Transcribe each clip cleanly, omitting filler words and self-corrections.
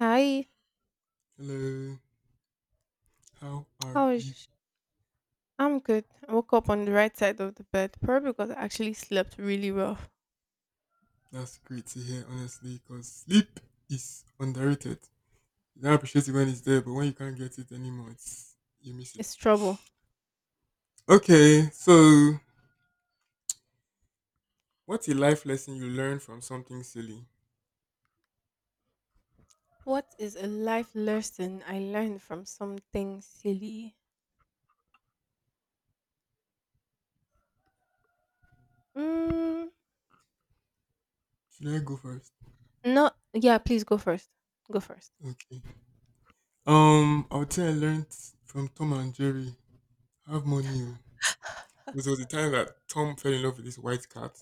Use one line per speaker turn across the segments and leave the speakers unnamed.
Hi,
Hello, how are
how is?
you?
sh- I'm good. I woke up on the right side of the bed, probably because I actually slept really well.
That's great to hear, honestly, because sleep is underrated. You don't appreciate it when it's there, but when you can't get it anymore, it's you miss it.
It's trouble.
Okay, so what's a life lesson you learned from something silly?
What is a life lesson I learned from something silly? Mm,
Should I go first?
no, yeah, please go first. Go first.
Okay. I would say I learned from Tom and Jerry. Have money. Oh. Because there was a time that Tom fell in love with this white cat,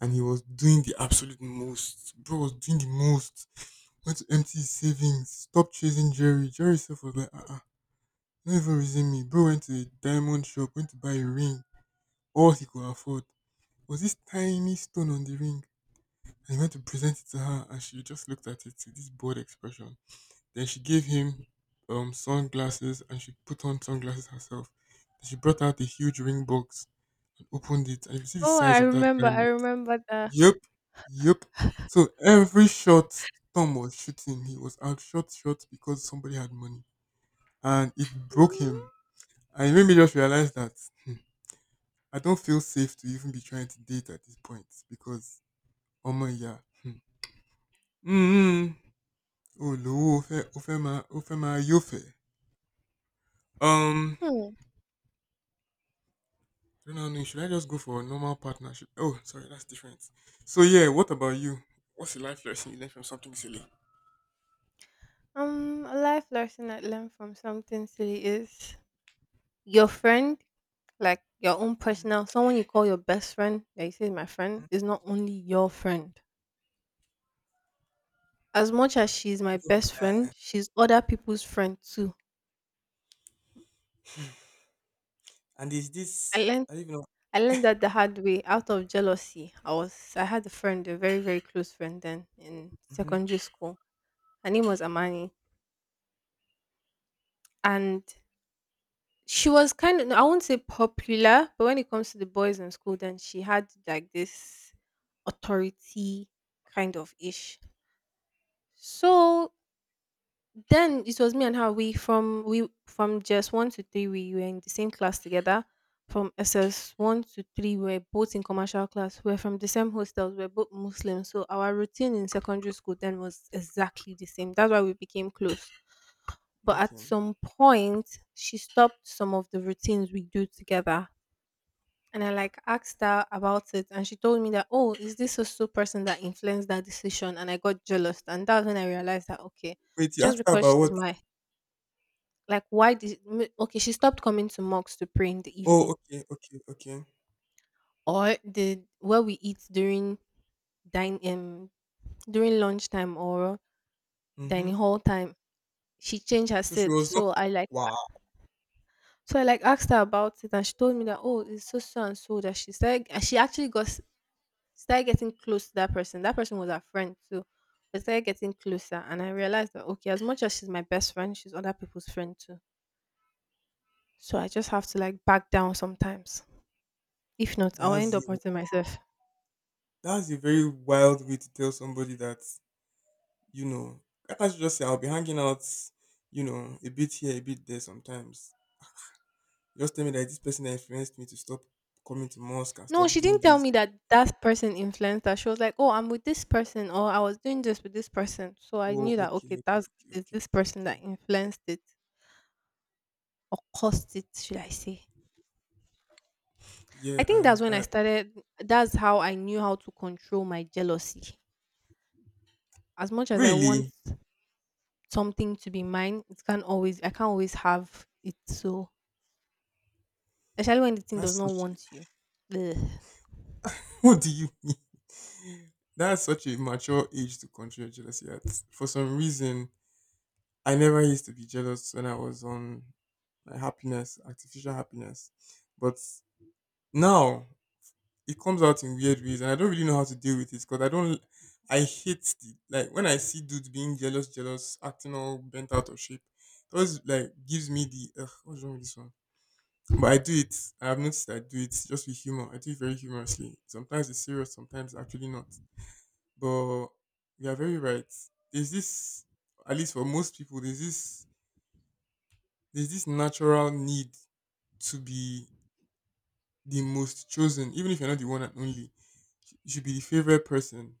and he was doing the absolute most. Bro was doing the most. Went to empty his savings. Stop chasing Jerry. Jerry self was like, ah, uh-uh, don't even reason me. Bro went to a diamond shop, went to buy a ring, all he could afford was this tiny stone on the ring. And he went to present it to her, and she just looked at it with this bored expression. Then she gave him sunglasses, and she put on sunglasses herself. Then she brought out a huge ring box and opened it, and you see the
Oh,
size
I
of that
remember. I
diamond.
remember that.
Yep, yep. So every shot Tom was shooting, he was out shot, because somebody had money, and it broke him. And it made me just realize that hmm, I don't feel safe to even be trying to date at this point because, oh my yeah, mm, oh lo, ofe, ofe ma, yofe. Um,
Hmm.
I don't know. Should I just go for a normal partnership? Oh, sorry, that's different. So yeah, what about you? What's the life lesson you learned from something silly?
A life lesson I learned from something silly is your friend, like your own personal, someone you call your best friend, that you say is my friend, is not only your friend. As much as she's my best
like-
friend, she's other people's friend too.
And is
I
this?
learned
I don't even know.
I learned that the hard way out of jealousy. I had a friend, a very, very close friend then in
Hmm.
secondary school. Her name was Amani. And she was kind of, I won't say popular, but when it comes to the boys in school, then she had like this authority kind of ish. So then it was me and her. We from just one to three, we were in the same class together. From S S one to three, we were both in commercial class. We were from the same hostels. We were both Muslims, so our routine in secondary school then was exactly the same. That's why we became close. But at
Okay.
some point, she stopped some of the routines we do together. And I like asked her about it, and she told me that, oh, is this a so person that influenced that decision? And I got jealous, and that's when I realized that okay,
Wait, you
just
asked her
because
about
she's
what?
my, like why did okay, she stopped coming to mosques to pray in the
Oh,
evening.
okay, okay, okay.
Or the where we eat dine um during lunchtime or
Mm-hmm.
dining hall time. She changed her
So she
set.
was not.
So I like
Wow,
so I like asked her about it, and she told me that oh it's so so and so that she started, and she actually started getting close to that person. That person was her friend too. We started getting closer and I realized that okay, as much as she's my best friend, she's other people's friend too. So I just have to like back down sometimes. If not, I'll end
that's
up
a
hurting myself.
that's a very wild way to tell somebody that you know. I can't just say I'll be hanging out, a bit here, a bit there sometimes. Just tell me that this person influenced me to stop coming to mosque and
No,
stop
she
doing
didn't tell
this.
me that that person influenced her. She was like, "Oh, I'm with this person, or I was doing this with this person." So I
Oh,
knew that
okay,
okay,
okay,
that's
okay,
is
okay,
this
okay,
person
okay.
that influenced it or caused it, should I say?
Yeah,
I think that's
and
when I
I
started. That's how I knew how to control my jealousy. As much as I want
really,
something to be mine, it can't always. I can't always have it. So especially when the thing does
that's
not
such a
want you. Ugh.
what do you mean? That's such a mature age to control your jealousy at. For some reason, I never used to be jealous when I was on my happiness, artificial happiness. But now it comes out in weird ways, and I don't really know how to deal with it because I don't. I hate the like when I see dudes being jealous, jealous, acting all bent out of shape. It always like gives me the ugh, what's wrong with this one? But I do it. I have noticed I do it just with humor. I do it very humorously. Sometimes it's serious, sometimes actually not. But you are very right. There's this, at least for most people, there's this natural need to be the most chosen, even if you're not the one and only. You should be the favorite person,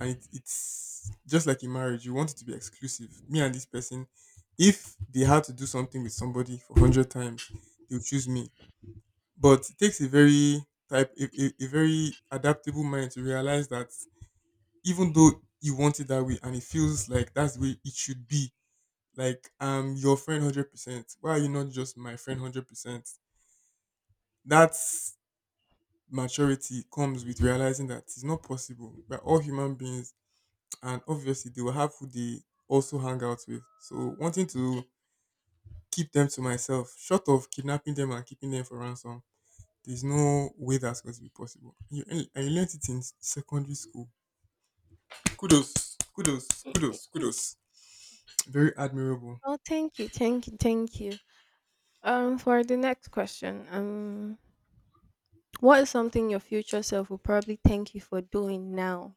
and it's just like in marriage. You want it to be exclusive. Me and this person, if they had to do something with somebody for 100 times, they'll choose me. But it takes a very type, a very adaptable mind to realize that even though you want it that way, and it feels like that's the way it should be. Like I'm your friend 100%. Why are you not just my friend 100%? That maturity comes with realizing that it's not possible. We're all human beings, and obviously, they will have who they also hang out with. So, wanting to keep them to myself, short of kidnapping them and keeping them for ransom, there's no way that's going to be possible. And you learned it in secondary school. Kudos, kudos, kudos, kudos. Very admirable.
Oh, thank you, thank you, thank you. For the next question. What is something your future self will probably thank you for doing now?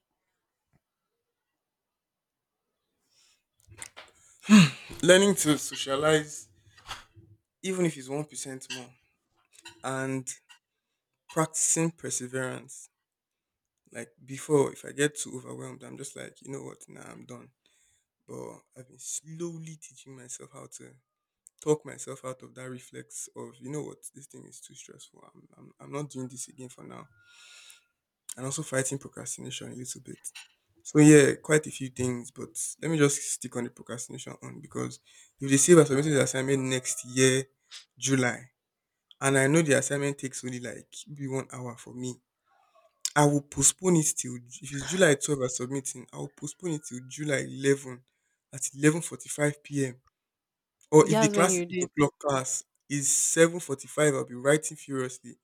Learning to socialize, even if it's 1% more, and practicing perseverance. Like before, if I get too overwhelmed, I'm just like, you know what? Nah, I'm done. But I've been slowly teaching myself how to talk myself out of that reflex of, you know what? This thing is too stressful. I'm not doing this again for now. And also fighting procrastination a little bit. So yeah, quite a few things, but let me just stick on the procrastination on because if they say we're submitting the assignment next year, July, and I know the assignment takes only like maybe 1 hour for me, I will postpone it if it's July 12 I'm submitting, I will postpone it till July 11 at 11:45 p.m. Or if the
Yes, when
class is
you did.
8:00 class, is 7:45 I'll be writing furiously.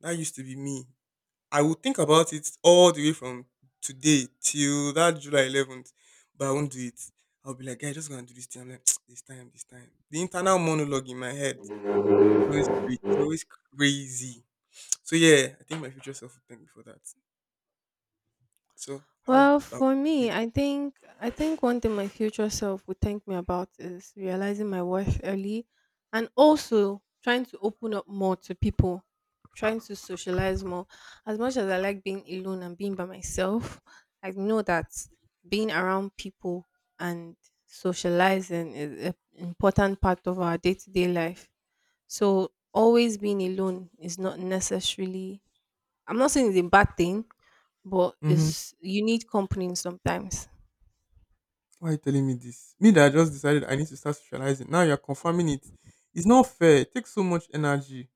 That used to be me. I will think about it all the way from today till that July 11th, but I won't do it. I'll be like, "Guy, just gonna do this thing." I'm like, "This time, this time." The internal monologue in my head is always crazy. So yeah, I think my future self will thank me for that. So how
Well,
about
for
you?
me, I think one thing my future self would thank me about is realizing my worth early, and also trying to open up more to people, trying to socialize more. As much as I like being alone and being by myself, I know that being around people and socializing is an important part of our day-to-day life. So always being alone is not necessarily, I'm not saying it's a bad thing, but
Mm-hmm.
it's you need company sometimes.
Why are you telling me this? Me that I just decided I need to start socializing. Now you're confirming it. It's not fair. It takes so much energy.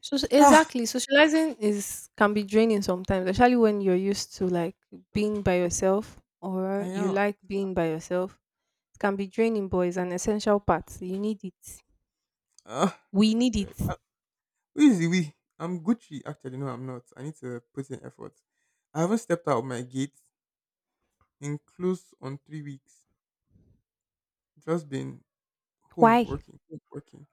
Ah,
Exactly, socializing is, can be draining sometimes, especially when you're used to like being by yourself
I
or you
am.
like being by yourself. It can be draining, but it's an essential part. You need it.
Ah,
We
God, I
need
beg.
it.
Who is the we? I'm Gucci. Actually, no, I'm not. I need to put in effort. I haven't stepped out of my gate in close on 3 weeks. Just been home
Why?
working, home working.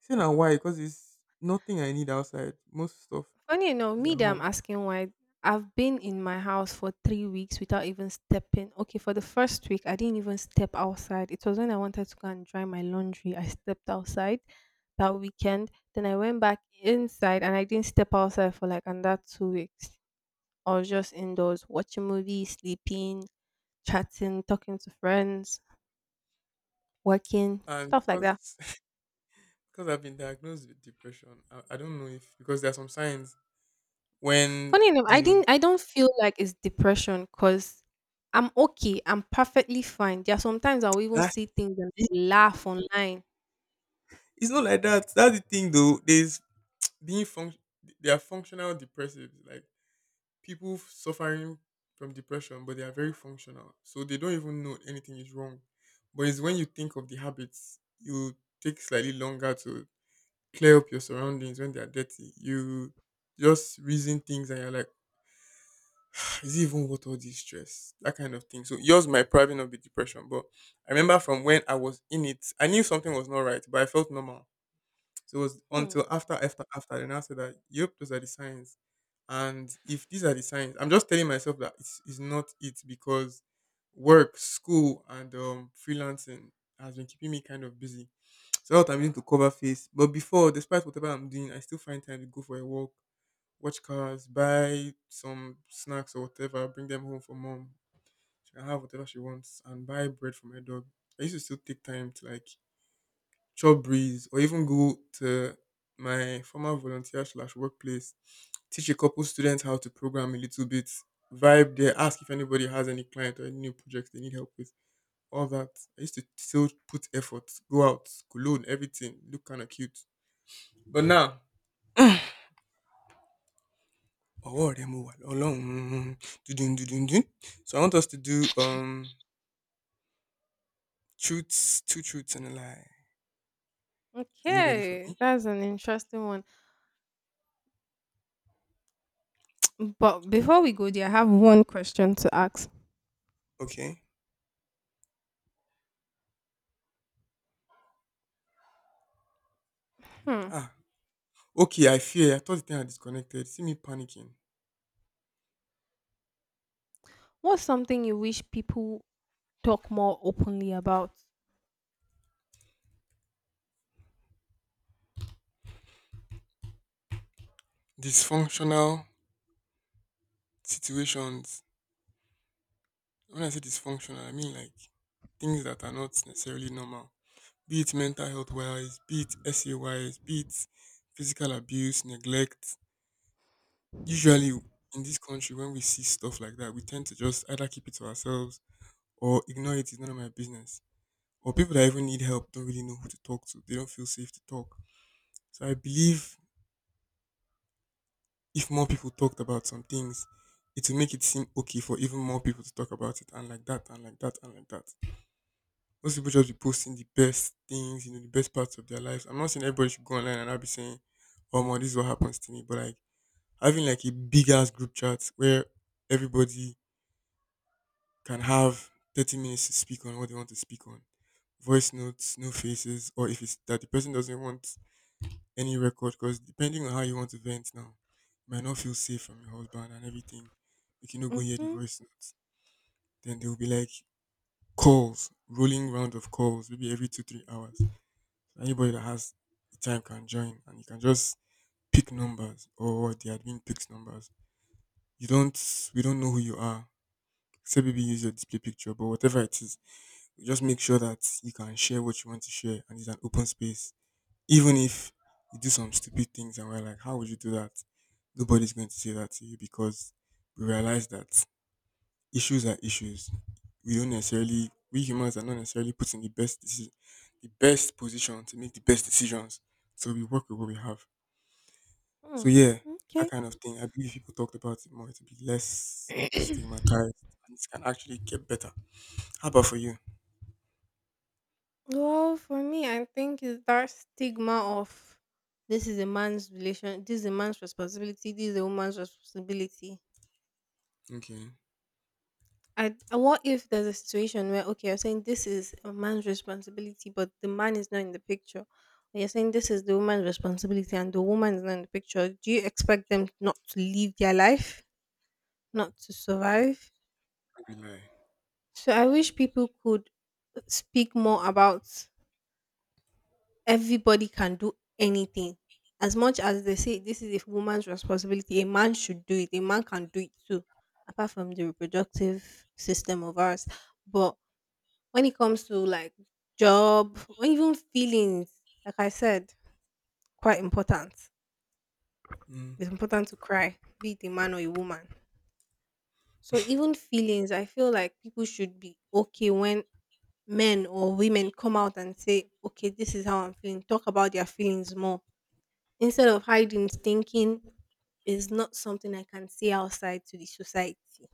See now why? Because it's nothing I need outside. Most stuff
Funny enough,
is
me
at
that I'm
home.
asking why, I've been in my house for 3 weeks without even stepping. Okay, for the first week, I didn't even step outside. It was when I wanted to go and dry my laundry. I stepped outside that weekend. Then I went back inside and I didn't step outside for like another 2 weeks. I was just indoors watching movies, sleeping, chatting, talking to friends, working,
And
stuff like
because
that.
because I've been diagnosed with depression, I don't know if because there are some signs when
Funny enough,
you
I
know
didn't. I don't feel like it's depression because I'm okay. I'm perfectly fine. There are sometimes I will even
that's
see things and
it-
laugh online.
it's not like that. That's the thing though. Being func- they are functional depressives, like people suffering from depression, but they are very functional. So they don't even know anything is wrong. But it's when you think of the habits, you take slightly longer to clear up your surroundings when they are dirty. You just reason things and you're like, is it even worth all this stress? That kind of thing. So yours might probably not be depression, but I remember from when I was in it, I knew something was not right, but I felt normal. So it was
Hmm.
until after, after, after, then I said that, yep, those are the signs. And if these are the signs, I'm just telling myself that it's not it because work, school, and freelancing has been keeping me kind of busy. So now that I'm using to cover face. But before, despite whatever I'm doing, I still find time to go for a walk, watch cars, buy some snacks or whatever, bring them home for mom. She can have whatever she wants and buy bread for my dog. I used to still take time to like chop breeze or even go to my former volunteer slash workplace, teach a couple students how to program a little bit, vibe there, ask if anybody has any client or any new projects they need help with. All that. I used to still put effort, go out, cologne, everything, look kind of cute. But now, Ọwọ́ rẹ mo wà lọ́lọ́run. Dùndún dùndún dùn. So I want us to do truths, two truths and a lie. Are you ready for
Okay,
me?
that's an interesting one. But before we go there, I have one question to ask.
Okay.
Hmm.
Ah. Okay, I fear. I thought the thing had disconnected. See me panicking.
What's something you wish people talk more openly about?
Dysfunctional situations. When I say dysfunctional, I mean like things that are not necessarily normal. Be it mental health wise, be it SA wise, be it physical abuse, neglect. Usually in this country, when we see stuff like that, we tend to just either keep it to ourselves or ignore it, it's none of my business. Or people that even need help don't really know who to talk to. They don't feel safe to talk. So I believe if more people talked about some things, it will make it seem okay for even more people to talk about it and like that and like that and like that. Most people just be posting the best things, the best parts of their lives. I'm not saying everybody should go online and I'll be saying, oh my, this is what happens to me. But like having like a big ass group chat where everybody can have 30 minutes to speak on what they want to speak on voice notes, no faces, or if it's that the person doesn't want any record, because depending on how you want to vent now, you might not feel safe from your husband and everything. You cannot go hear the
Mm-hmm.
voice notes. Then there will be like calls, rolling round of calls, maybe every two, 3 hours. So anybody that has the time can join and you can just pick numbers or the admin picks numbers. You don't we don't know who you are. Except maybe use your display picture, but whatever it is, just make sure that you can share what you want to share and it's an open space. Even if you do some stupid things and we're like, how would you do that? Nobody's going to say that to you because we realize that issues are issues. We don't necessarily, we humans are not necessarily put in the best the best position to make the best decisions. So we work with what we have.
Hmm.
So, that kind of thing. I believe if people talked about it more, it would be less
Okay.
stigmatized and it can actually get better. How about for you?
Well, for me, I think is that stigma of, this is a man's relation, this is a man's responsibility, this is a woman's responsibility.
Okay,
What if there's a situation where okay, you're saying this is a man's responsibility, but the man is not in the picture. Or you're saying this is the woman's responsibility and the woman is not in the picture. Do you expect them not to live their life, not to survive?
I will lie.
So I wish people could speak more about, everybody can do anything. As much as they say this is a woman's responsibility, a man should do it. A man can do it too, apart from the reproductive system of ours. But when it comes to like job or even feelings, like I said, quite important.
Mm,
It's important to cry, be it a man or a woman. So even feelings, I feel like people should be okay when men or women come out and say, okay, this is how I'm feeling. Talk about their feelings more, instead of hiding, thinking is not something I can say outside to the society.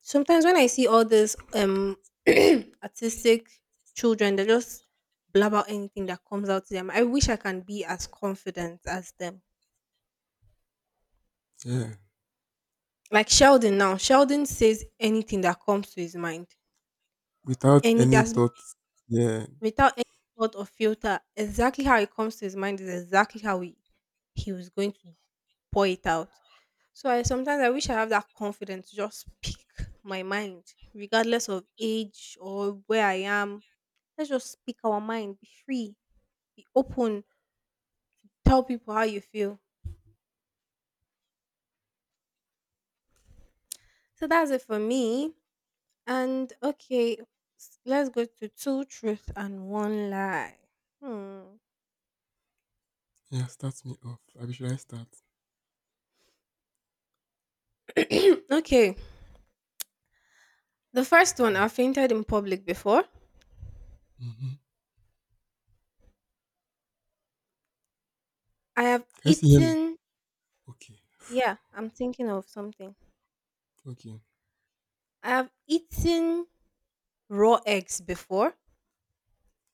Sometimes when I see all these artistic children, they just blab out anything that comes out to them. I wish I can be as confident as them.
yeah,
Like Sheldon now. Sheldon says anything that comes to his mind.
without
And it
any
has
thoughts. Yeah,
without any thought or filter, exactly how it comes to his mind is exactly how he was going to pour it out. So I sometimes I wish I have that confidence to just speak my mind, regardless of age or where I am. Let's just speak our mind, be free, be open, tell people how you feel. So that's it for me. And okay, let's go to two truth and one lie. Hmm.
yeah, start me off. Abi, should I start?
Okay. The first one, I fainted in public before.
Mm-hmm.
I have
Can you still hear me?
eaten
Okay,
Yeah, I'm thinking of something.
okay,
I have eaten raw eggs before.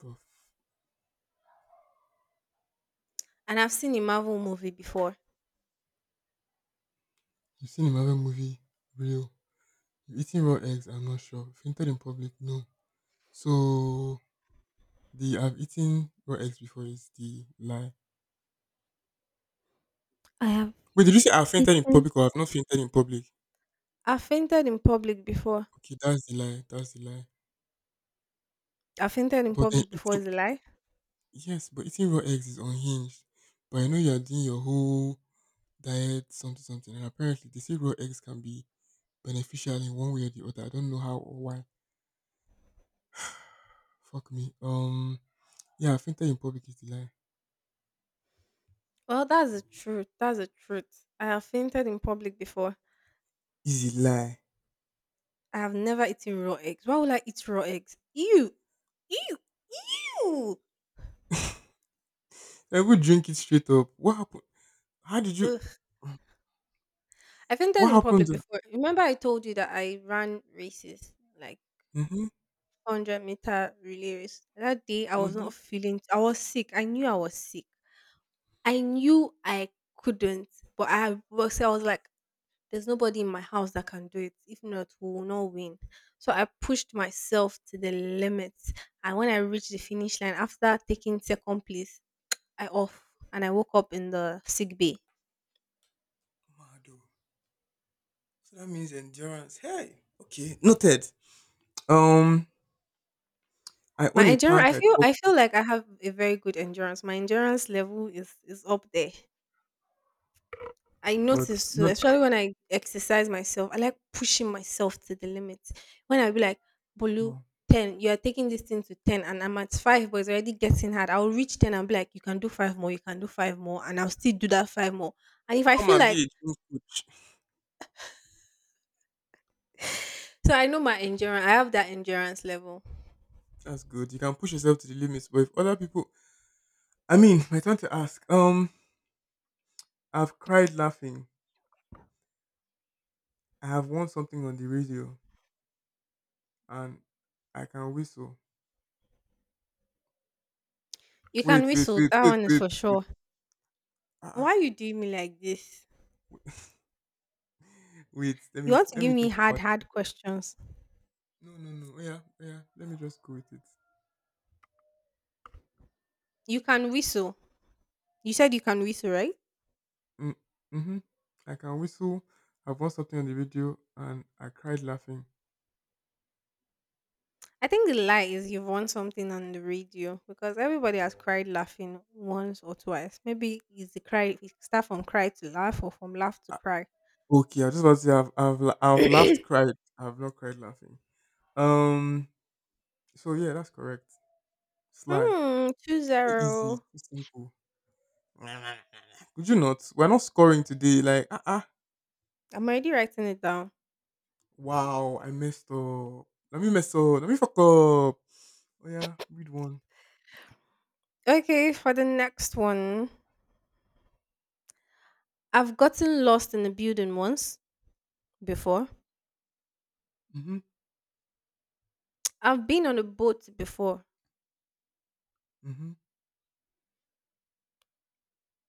tough.
And I've seen a Marvel movie before.
You've seen him have a movie, real. You eating raw eggs, I'm not sure. Fainted in public, no. So, the I've eaten raw eggs before is the lie.
I have
Wait, did you say I've fainted in
eaten.
public or I've not fainted in public?
I've fainted in public before.
Okay, that's the lie, that's the lie.
I fainted in
But then
public before
eating,
is a lie.
yes, but eating raw eggs is unhinged. But I know you're doing your whole diet, something, something, and apparently they say raw eggs can be beneficial in one way or the other. I don't know how or why. Fuck me. Yeah, fintech in public is a lie.
Well, that's the truth. That's the truth. I have fainted in public before.
Is a lie.
I have never eaten raw eggs. Why would I eat raw eggs? Ew. Ew. Ew.
I would drink it straight up. What happened? How did you?
Ugh. I fainted
What
in
happened?
public before. Remember I told you that I ran races, like
Mm-hmm.
100-meter relay race. That day I was
Mm-hmm.
not feeling, I was sick. I knew I was sick. I knew I couldn't, but I was like, there's nobody in my house that can do it. If not, we will not win. So I pushed myself to the limits, and when I reached the finish line, after taking second place, I off and I woke up in the sick bay.
Mado. So that means endurance. Hey. Okay. Noted. Um, I
My
own a
endurance,
plant.
I
I
feel,
talk,
I feel like I have a very good endurance. My endurance level is up there. I
but
notice too,
not.
especially when I exercise myself. I like pushing myself to the limit. When I be like, Bolu,
No.
10, you are taking this thing to 10, and I'm at 5, but it's already getting hard. I'll reach 10 and be like, you can do 5 more, you can do 5 more, and I'll still do that 5 more. And if I
Come
feel
and
like,
be a gym coach.
so I know my endurance, I have that endurance level.
That's good. You can push yourself to the limits. But if other people, I mean, my turn to ask. I've cried laughing. I have won something on the radio. And I can whistle.
You
Wait,
can
wait,
whistle,
wait,
that
wait,
one is
wait,
for
wait.
sure.
Ah,
Why you doing me like this?
ah, wait. Let
You
me
want to
let me
give me
think
hard,
about.
hard questions.
No, no, no. Oh yeah, oh yeah. Let me just go with it.
You can whistle. You said you can whistle, right?
Mm, mm-hmm. I can whistle. I've watched something on the video and I cried laughing.
I think the lie is you've won something on the radio because everybody has cried laughing once or twice. Maybe it's the cry, it start from cry to laugh or from laugh to
Ah,
cry.
okay, I just want to say I've laughed, cried. I've not cried laughing. Um. So yeah, that's correct. Sly.
Hmm, two
Too easy.
zero.
Too simple. Could you not? We're not scoring today. Like ah ah.
I'm already writing it down.
Wow, I messed up. Let me mess up. Let me fuck up. Oh yeah, read one.
Okay, for the next one. I've gotten lost in a building once before.
Mm-hmm.
I've been on a boat before.
Mm-hmm.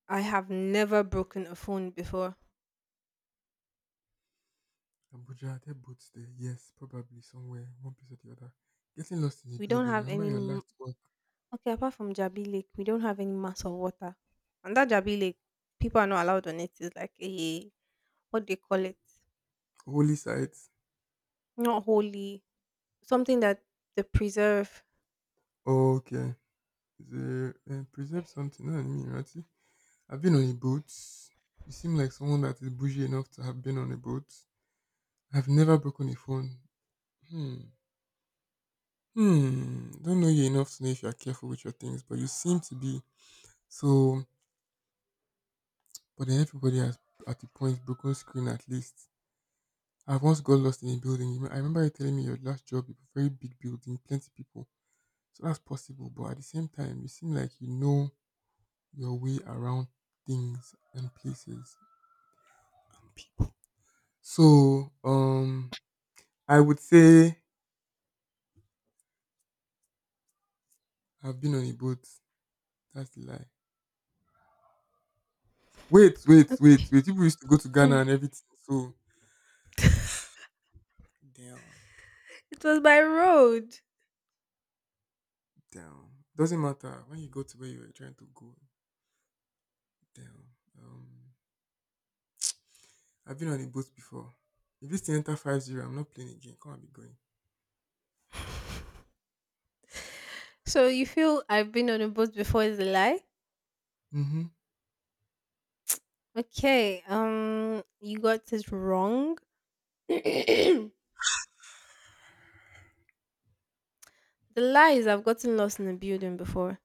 I have never broken a phone before.
Abuja, there are boats there. Yes, probably somewhere, one place or the other. Getting lost in the
We don't
building. I
have
remember
any
your last one.
Okay, apart from Jabi Lake, we don't have any mass of water. And that Jabi Lake, people are not allowed on it. It's like a, what do they call it?
Holy site.
Not holy. Something that they preserve.
Oh, okay. Is it, preserve something. No, I mean, right? I've been on a boat. You seem like someone that is bougie enough to have been on a boat. I've never broken a phone. Hmm. Hmm. Don't know you enough to know if you're careful with your things, but you seem to be. So but then everybody has at the point broken screen at least. I've once got lost in a building. You know, I remember you telling me your last job, you a very big building, plenty people. So that's possible. But at the same time, you seem like you know your way around things and places. So, I would say I've been on a boat. That's the lie. Wait, wait,
Okay.
wait, wait. People used to go to Ghana and everything. So, damn,
It was by road.
damn. Doesn't matter when you go to where you were trying to go. Damn. Um, I've been on a boat before. If this thing enter 5-0, I'm not playing again. Come and be going.
So you feel I've been on a boat before is a lie?
Mm-hmm.
Okay. You got it wrong. The lie is I've gotten lost in a building before.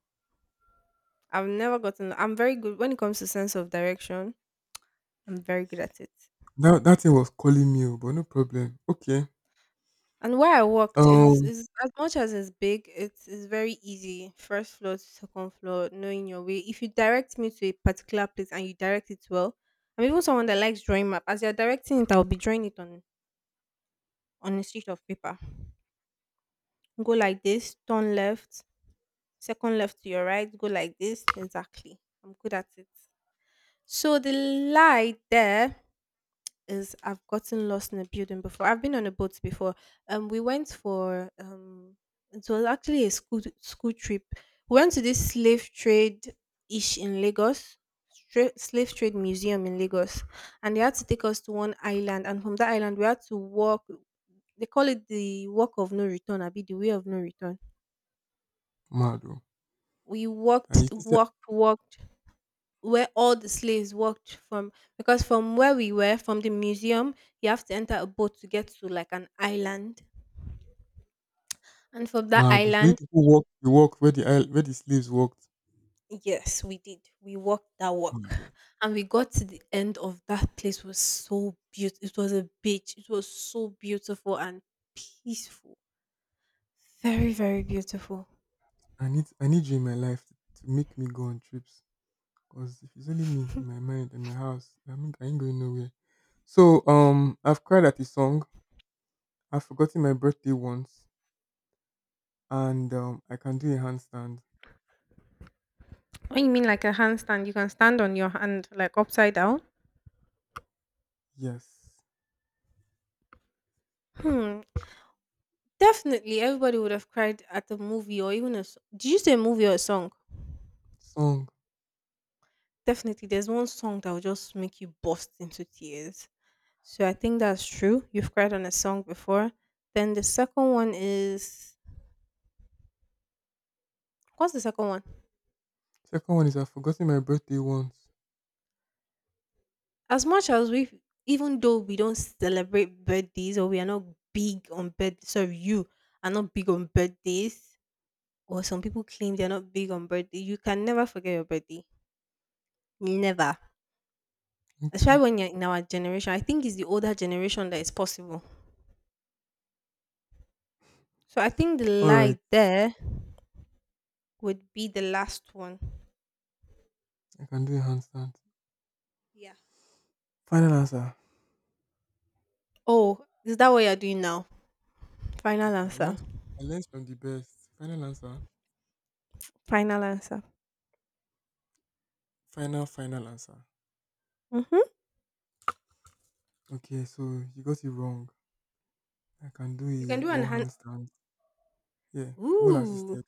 I've never gotten I'm very good when it comes to sense of direction. I'm very good at it.
That thing was calling me, oh, but no problem. Okay.
And where I worked is
Um,
is as much as it's big, it's is very easy. First floor to second floor, knowing your way. If you direct me to a particular place and you direct it well, I'm even someone that likes drawing map. As you're directing it, I'll be drawing it on a sheet of paper. Go like this, turn left, second left to your right, go like this. Exactly. I'm good at it. So the light there is I've gotten lost in a building before. I've been on a boat before. We went for It was actually a school trip. We went to this slave trade ish in Lagos, slave trade museum in Lagos, and they had to take us to one island, and from that island we had to walk. They call it the walk of no return, be the way of no return.
Mado.
We
And you
walked,
think say
walked, walked where all the slaves worked from, because from where we were from the museum you have to enter a boat to get to like an island, and from that
Mado. So you
island
people walk, you walk where the isle, where the slaves walked.
yes we did, we walked that walk,
Mado.
and we got to the end of that place. It was so beautiful, it was a beach, it was so beautiful and peaceful, very very beautiful.
I need you in my life to make me go on trips. Cause if it's only me in my mind and my house, I mean, I ain't going nowhere. So I've cried at a song. I've forgotten my birthday once, and I can do a handstand.
What you mean like a handstand? You can stand on your hand like upside down?
Yes,
Hmm. Definitely everybody would have cried at a movie or even a did you say a movie or a song?
song.
Definitely, there's one song that will just make you burst into tears. So I think that's true. You've cried on a song before. Then the second one is what's the second one?
Second one is I've forgotten my birthday once.
As much as we, even though we don't celebrate birthdays or we are not big on birth, sorry, you are not big on birthdays, or some people claim they're not big on birthday. You can never forget your birthday. Never. Especially
Okay.
when you're in our generation. I think it's the older generation that is possible. So I think the
All right.
lie there would be the last one.
I can do a handstand.
Yeah.
Final answer.
Oh, is that what you're doing now?
I
Final
I
answer.
learned from, I learned from the best. Final answer.
Final answer.
Final, final answer.
Mm-hmm.
Okay, so you got it wrong. I can do
You
a
can do an
wall
hand.
handstand. Yeah, wall
Ooh.
assisted.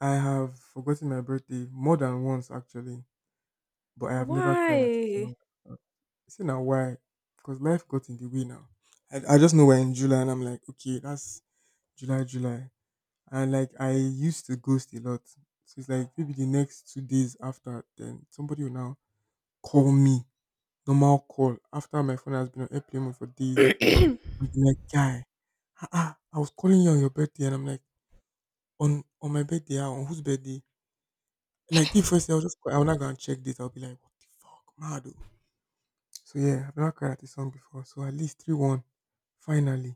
I have forgotten my birthday more than once actually, but I have never cried at it.
Why?
Song. Uh, See now why? Because life got in the way now. I just know we're in July and I'm like, okay, that's July, July. And like I used to ghost a lot. So it's like maybe the next 2 days after, then somebody will now call me, normal call, after my phone has been on airplane mode for days.
Are
And be like, guy, ah, I was calling you on your birthday. And I'm like, on my birthday, ah, on whose birthday? Like the first day, I was just, I will not go and check this. I'll be like, what the fuck, mad. Oh. So yeah, I've not cried at this song before. So at least 3-1, finally.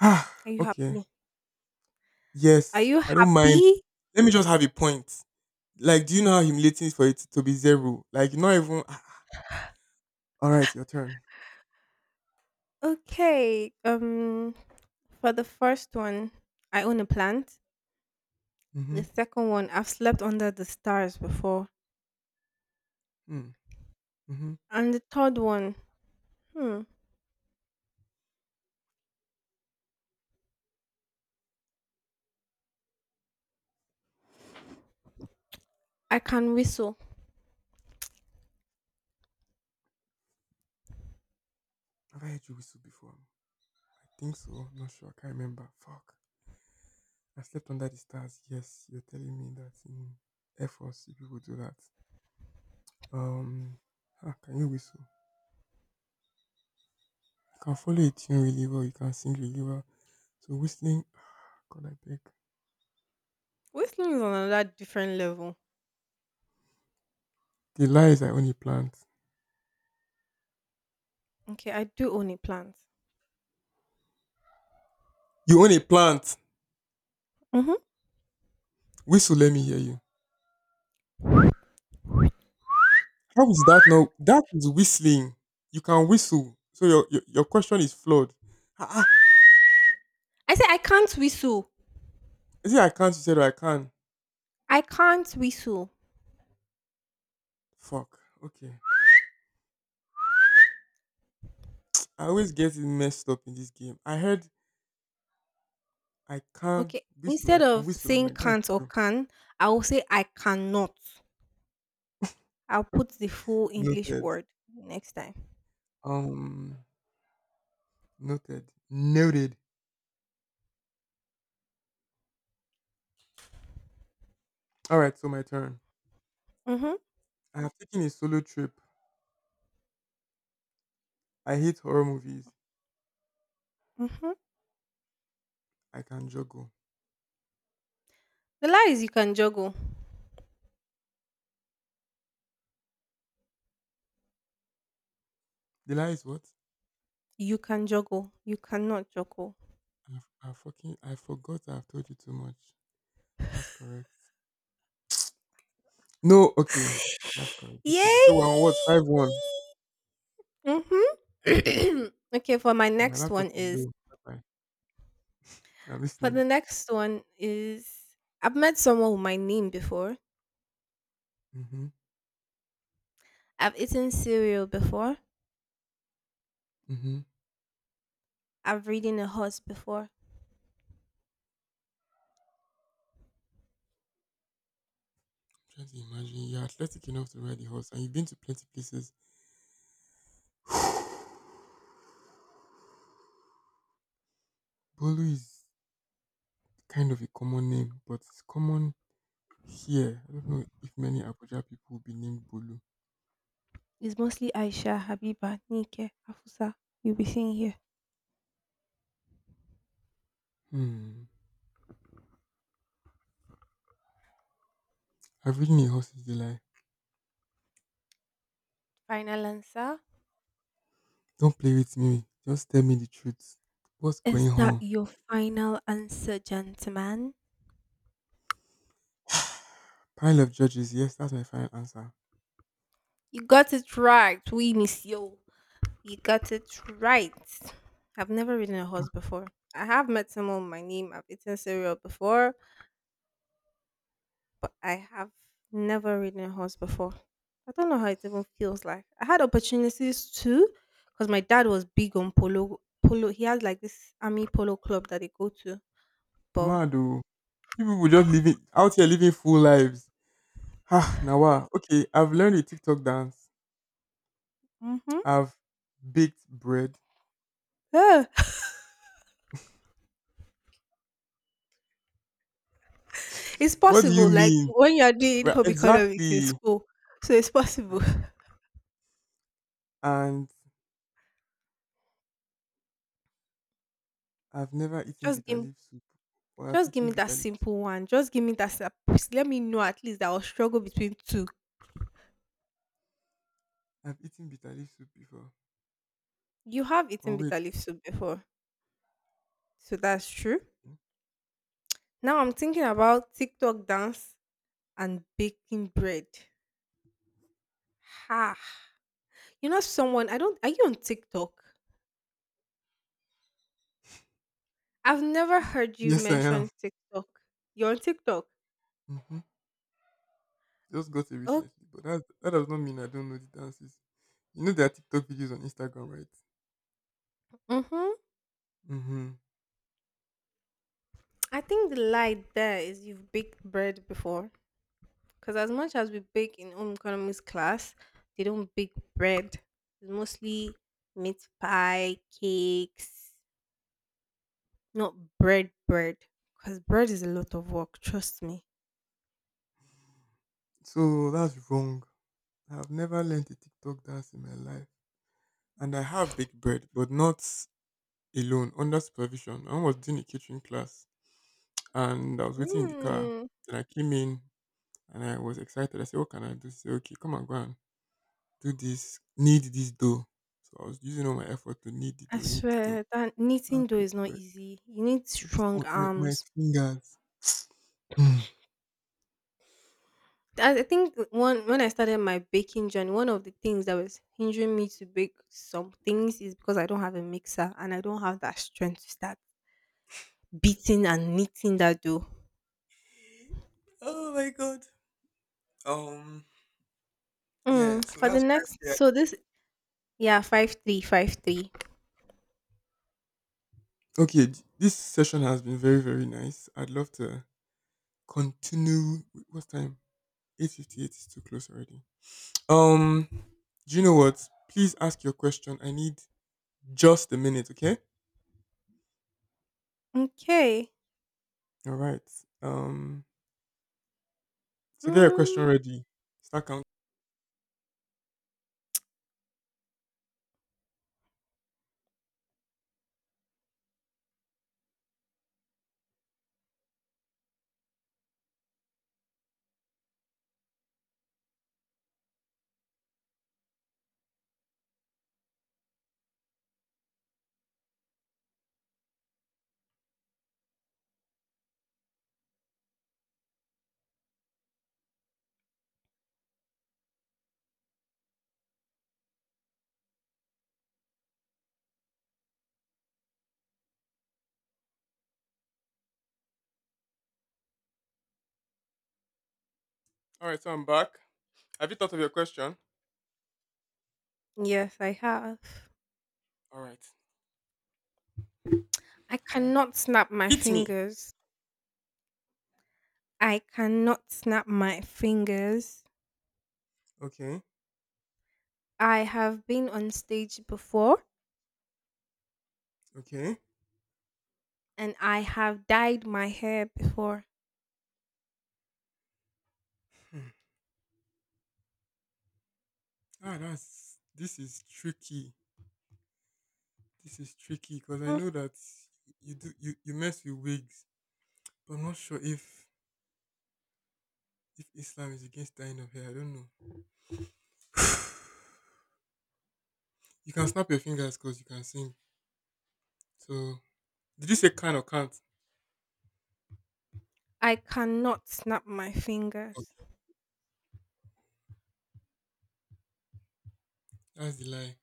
Ah,
you
okay.
happy? Are
Yes,
you
I don't mind.
happy?
Let me just have a point. Like, do you know how humiliating it's for it to be zero? Like, not even. Ah, ah, all right, your turn.
Okay. For the first one, I own a plant.
Mm-hmm.
The second one, I've slept under the stars before.
Mm, hmm.
And the third one, hmm, I can whistle.
Have I heard you whistle before? I think so. I'm not sure. I can't remember. Fuck. I slept under the stars. Yes, you're telling me that in Air Force you people do that. Um, ah, can you whistle? You can follow a tune really well. You can sing really well. So whistling. God, I beg.
Whistling is on another different level.
The lie is I own a plant.
Okay, I do own a plant.
You own a plant.
Mm-hmm.
Whistle, let me hear you. How is that now? That is whistling. You can whistle. So your question is flawed. Ah, ah.
I say I can't whistle.
Is it I can't? You said I can.
I can't whistle.
Fuck. Okay. I always get it messed up in this game. I heard I can
Okay.
whistle. I
Instead
can
of
whistle. I'm
saying
like that's
can't or
true.
can, I will say I cannot. I'll put the full English
Noted.
word next time.
Um. Noted. Noted. All right. So my turn.
Mm-hmm.
I have taken a solo trip. I hate horror movies.
Mm-hmm.
I can juggle.
The lie is you can juggle.
The lie is what?
You can juggle. You cannot juggle.
I, I forgot. I've told you too much. That's correct. No, okay. That's correct. No problem. So we're on
Yay!
what? 5-1.
Mm-hmm. okay,
My laptop is low. Bye-bye. I'm
for
listening.
the next one is I've met someone with my name before.
Mm-hmm.
I've eaten cereal before.
Mm-hmm.
I've ridden a horse before.
Trying to imagine. You're athletic enough to ride a horse and you've been to plenty places. Bolu is kind of a common name, but it's common here. I don't know if many Abuja people will be named Bolu.
It's mostly Aisha, Habiba, Nike, Afusa. You'll be seeing here.
Hmm. I've ridden a horse in July.
Final answer.
Don't play with me. Just tell me the truth. What's going
Is that
on?
your final answer, gentlemen?
Pile of judges. Yes, that's my final answer.
You got it right. We miss you. You got it right. I've never ridden a horse before. I have met someone with my name. I've eaten cereal before, but I have never ridden a horse before. I don't know how it even feels like. I had opportunities too, because my dad was big on polo. Polo. He has like this army polo club that they go to, but
Mado. People were just living out here living full lives. Ah, Nawa. Okay, I've learned a TikTok dance.
Mm-hmm.
I've baked bread.
Yeah, it's
What do you
possible. Like
mean?
when you're doing
Right,
home economics in
exactly.
school, so it's possible.
And I've never eaten
Just
bitter
give, me,
leaf soup. Or I've
just give
eaten
me that
bitter leaf soup.
simple one. Just give me that. Let me know at least that I'll struggle between two.
I've eaten bitter leaf soup before.
You have
Oh
eaten
wait.
bitter leaf soup before, so that's true. Now I'm thinking about TikTok dance and baking bread. Ha! You know someone? I don't. Are you on TikTok? I've never heard you
Yes, I am.
mention TikTok. You're on TikTok.
Hmm. Just got it
Oh.
recently, but that does not mean I don't know the dances. You know there are TikTok videos on Instagram, right?
Mm-hmm.
Mm-hmm.
I think the lie there is you've baked bread before. Because as much as we bake in home economics class, they don't bake bread. It's mostly meat pie, cakes, not bread, bread. Because bread is a lot of work, trust me.
So that's wrong. I've never learned a TikTok dance in my life. And I have baked bread, but not alone, under supervision. I was doing a kitchen class and I was waiting in the car.
Mm,
Then I came in and I was excited. I said, what can I do? She said, okay, come and go and do this, knead this dough. So I was using all my effort to knead the
I
dough, knead the dough.
swear that
I
knitting though
baked
is not
bread.
easy. You need
It'll be
strong
smooth like my
arms.
fingers. Mm.
I think one when I started my baking journey, one of the things that was hindering me to bake some things is because I don't have a mixer and I don't have that strength to start beating and knitting that dough.
Oh my god. Um, yeah, so
For the
that's
next,
yeah.
so this yeah 5-3, 5-3.
Okay, this session has been very, very nice. I'd love to continue. Wait, what's time? 8:58 is too close already. Um, do you know what? Please ask your question. I need just a minute, okay?
Okay.
All right. Um, so get your question
Mm,
ready. Start counting. All right, so I'm back. Have you thought of your question?
yes, I have.
All right.
I
Yeah.
cannot snap my
Hit me.
fingers. I cannot snap my fingers.
Okay.
I have been on stage before
Okay.
and I have dyed my hair before.
Hmm. Ah, that's this is tricky. This is tricky because I know that you mess with wigs, but I'm not sure if Islam is against dying of hair. I don't know. you can snap your fingers because you can sing. So did you say can or can't?
I cannot snap my fingers.
Okay, that's the lie.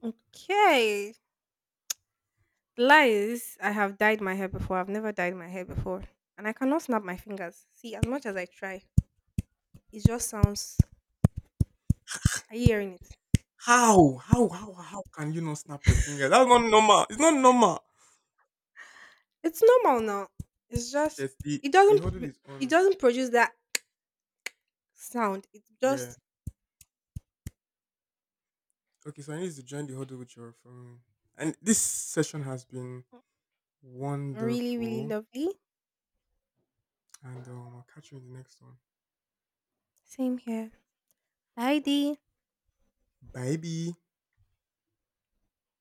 Okay. Lies. I have dyed my hair before. I've never dyed my hair before. And I cannot snap my fingers. See, as much as I try, it just sounds, are you hearing it?
How? How can you not snap your finger? That's not normal. It's not normal.
It's normal now. It's just
Yes,
it
the
doesn't
huddle
pr-
is
it
on.
doesn't produce that sound. It's
Yeah.
just
Okay, so I need to join the huddle with your phone. And this session has been
really, really
wonderful.
lovely.
And I'll catch you in the next one.
Same here. Heidi.
Bye bye.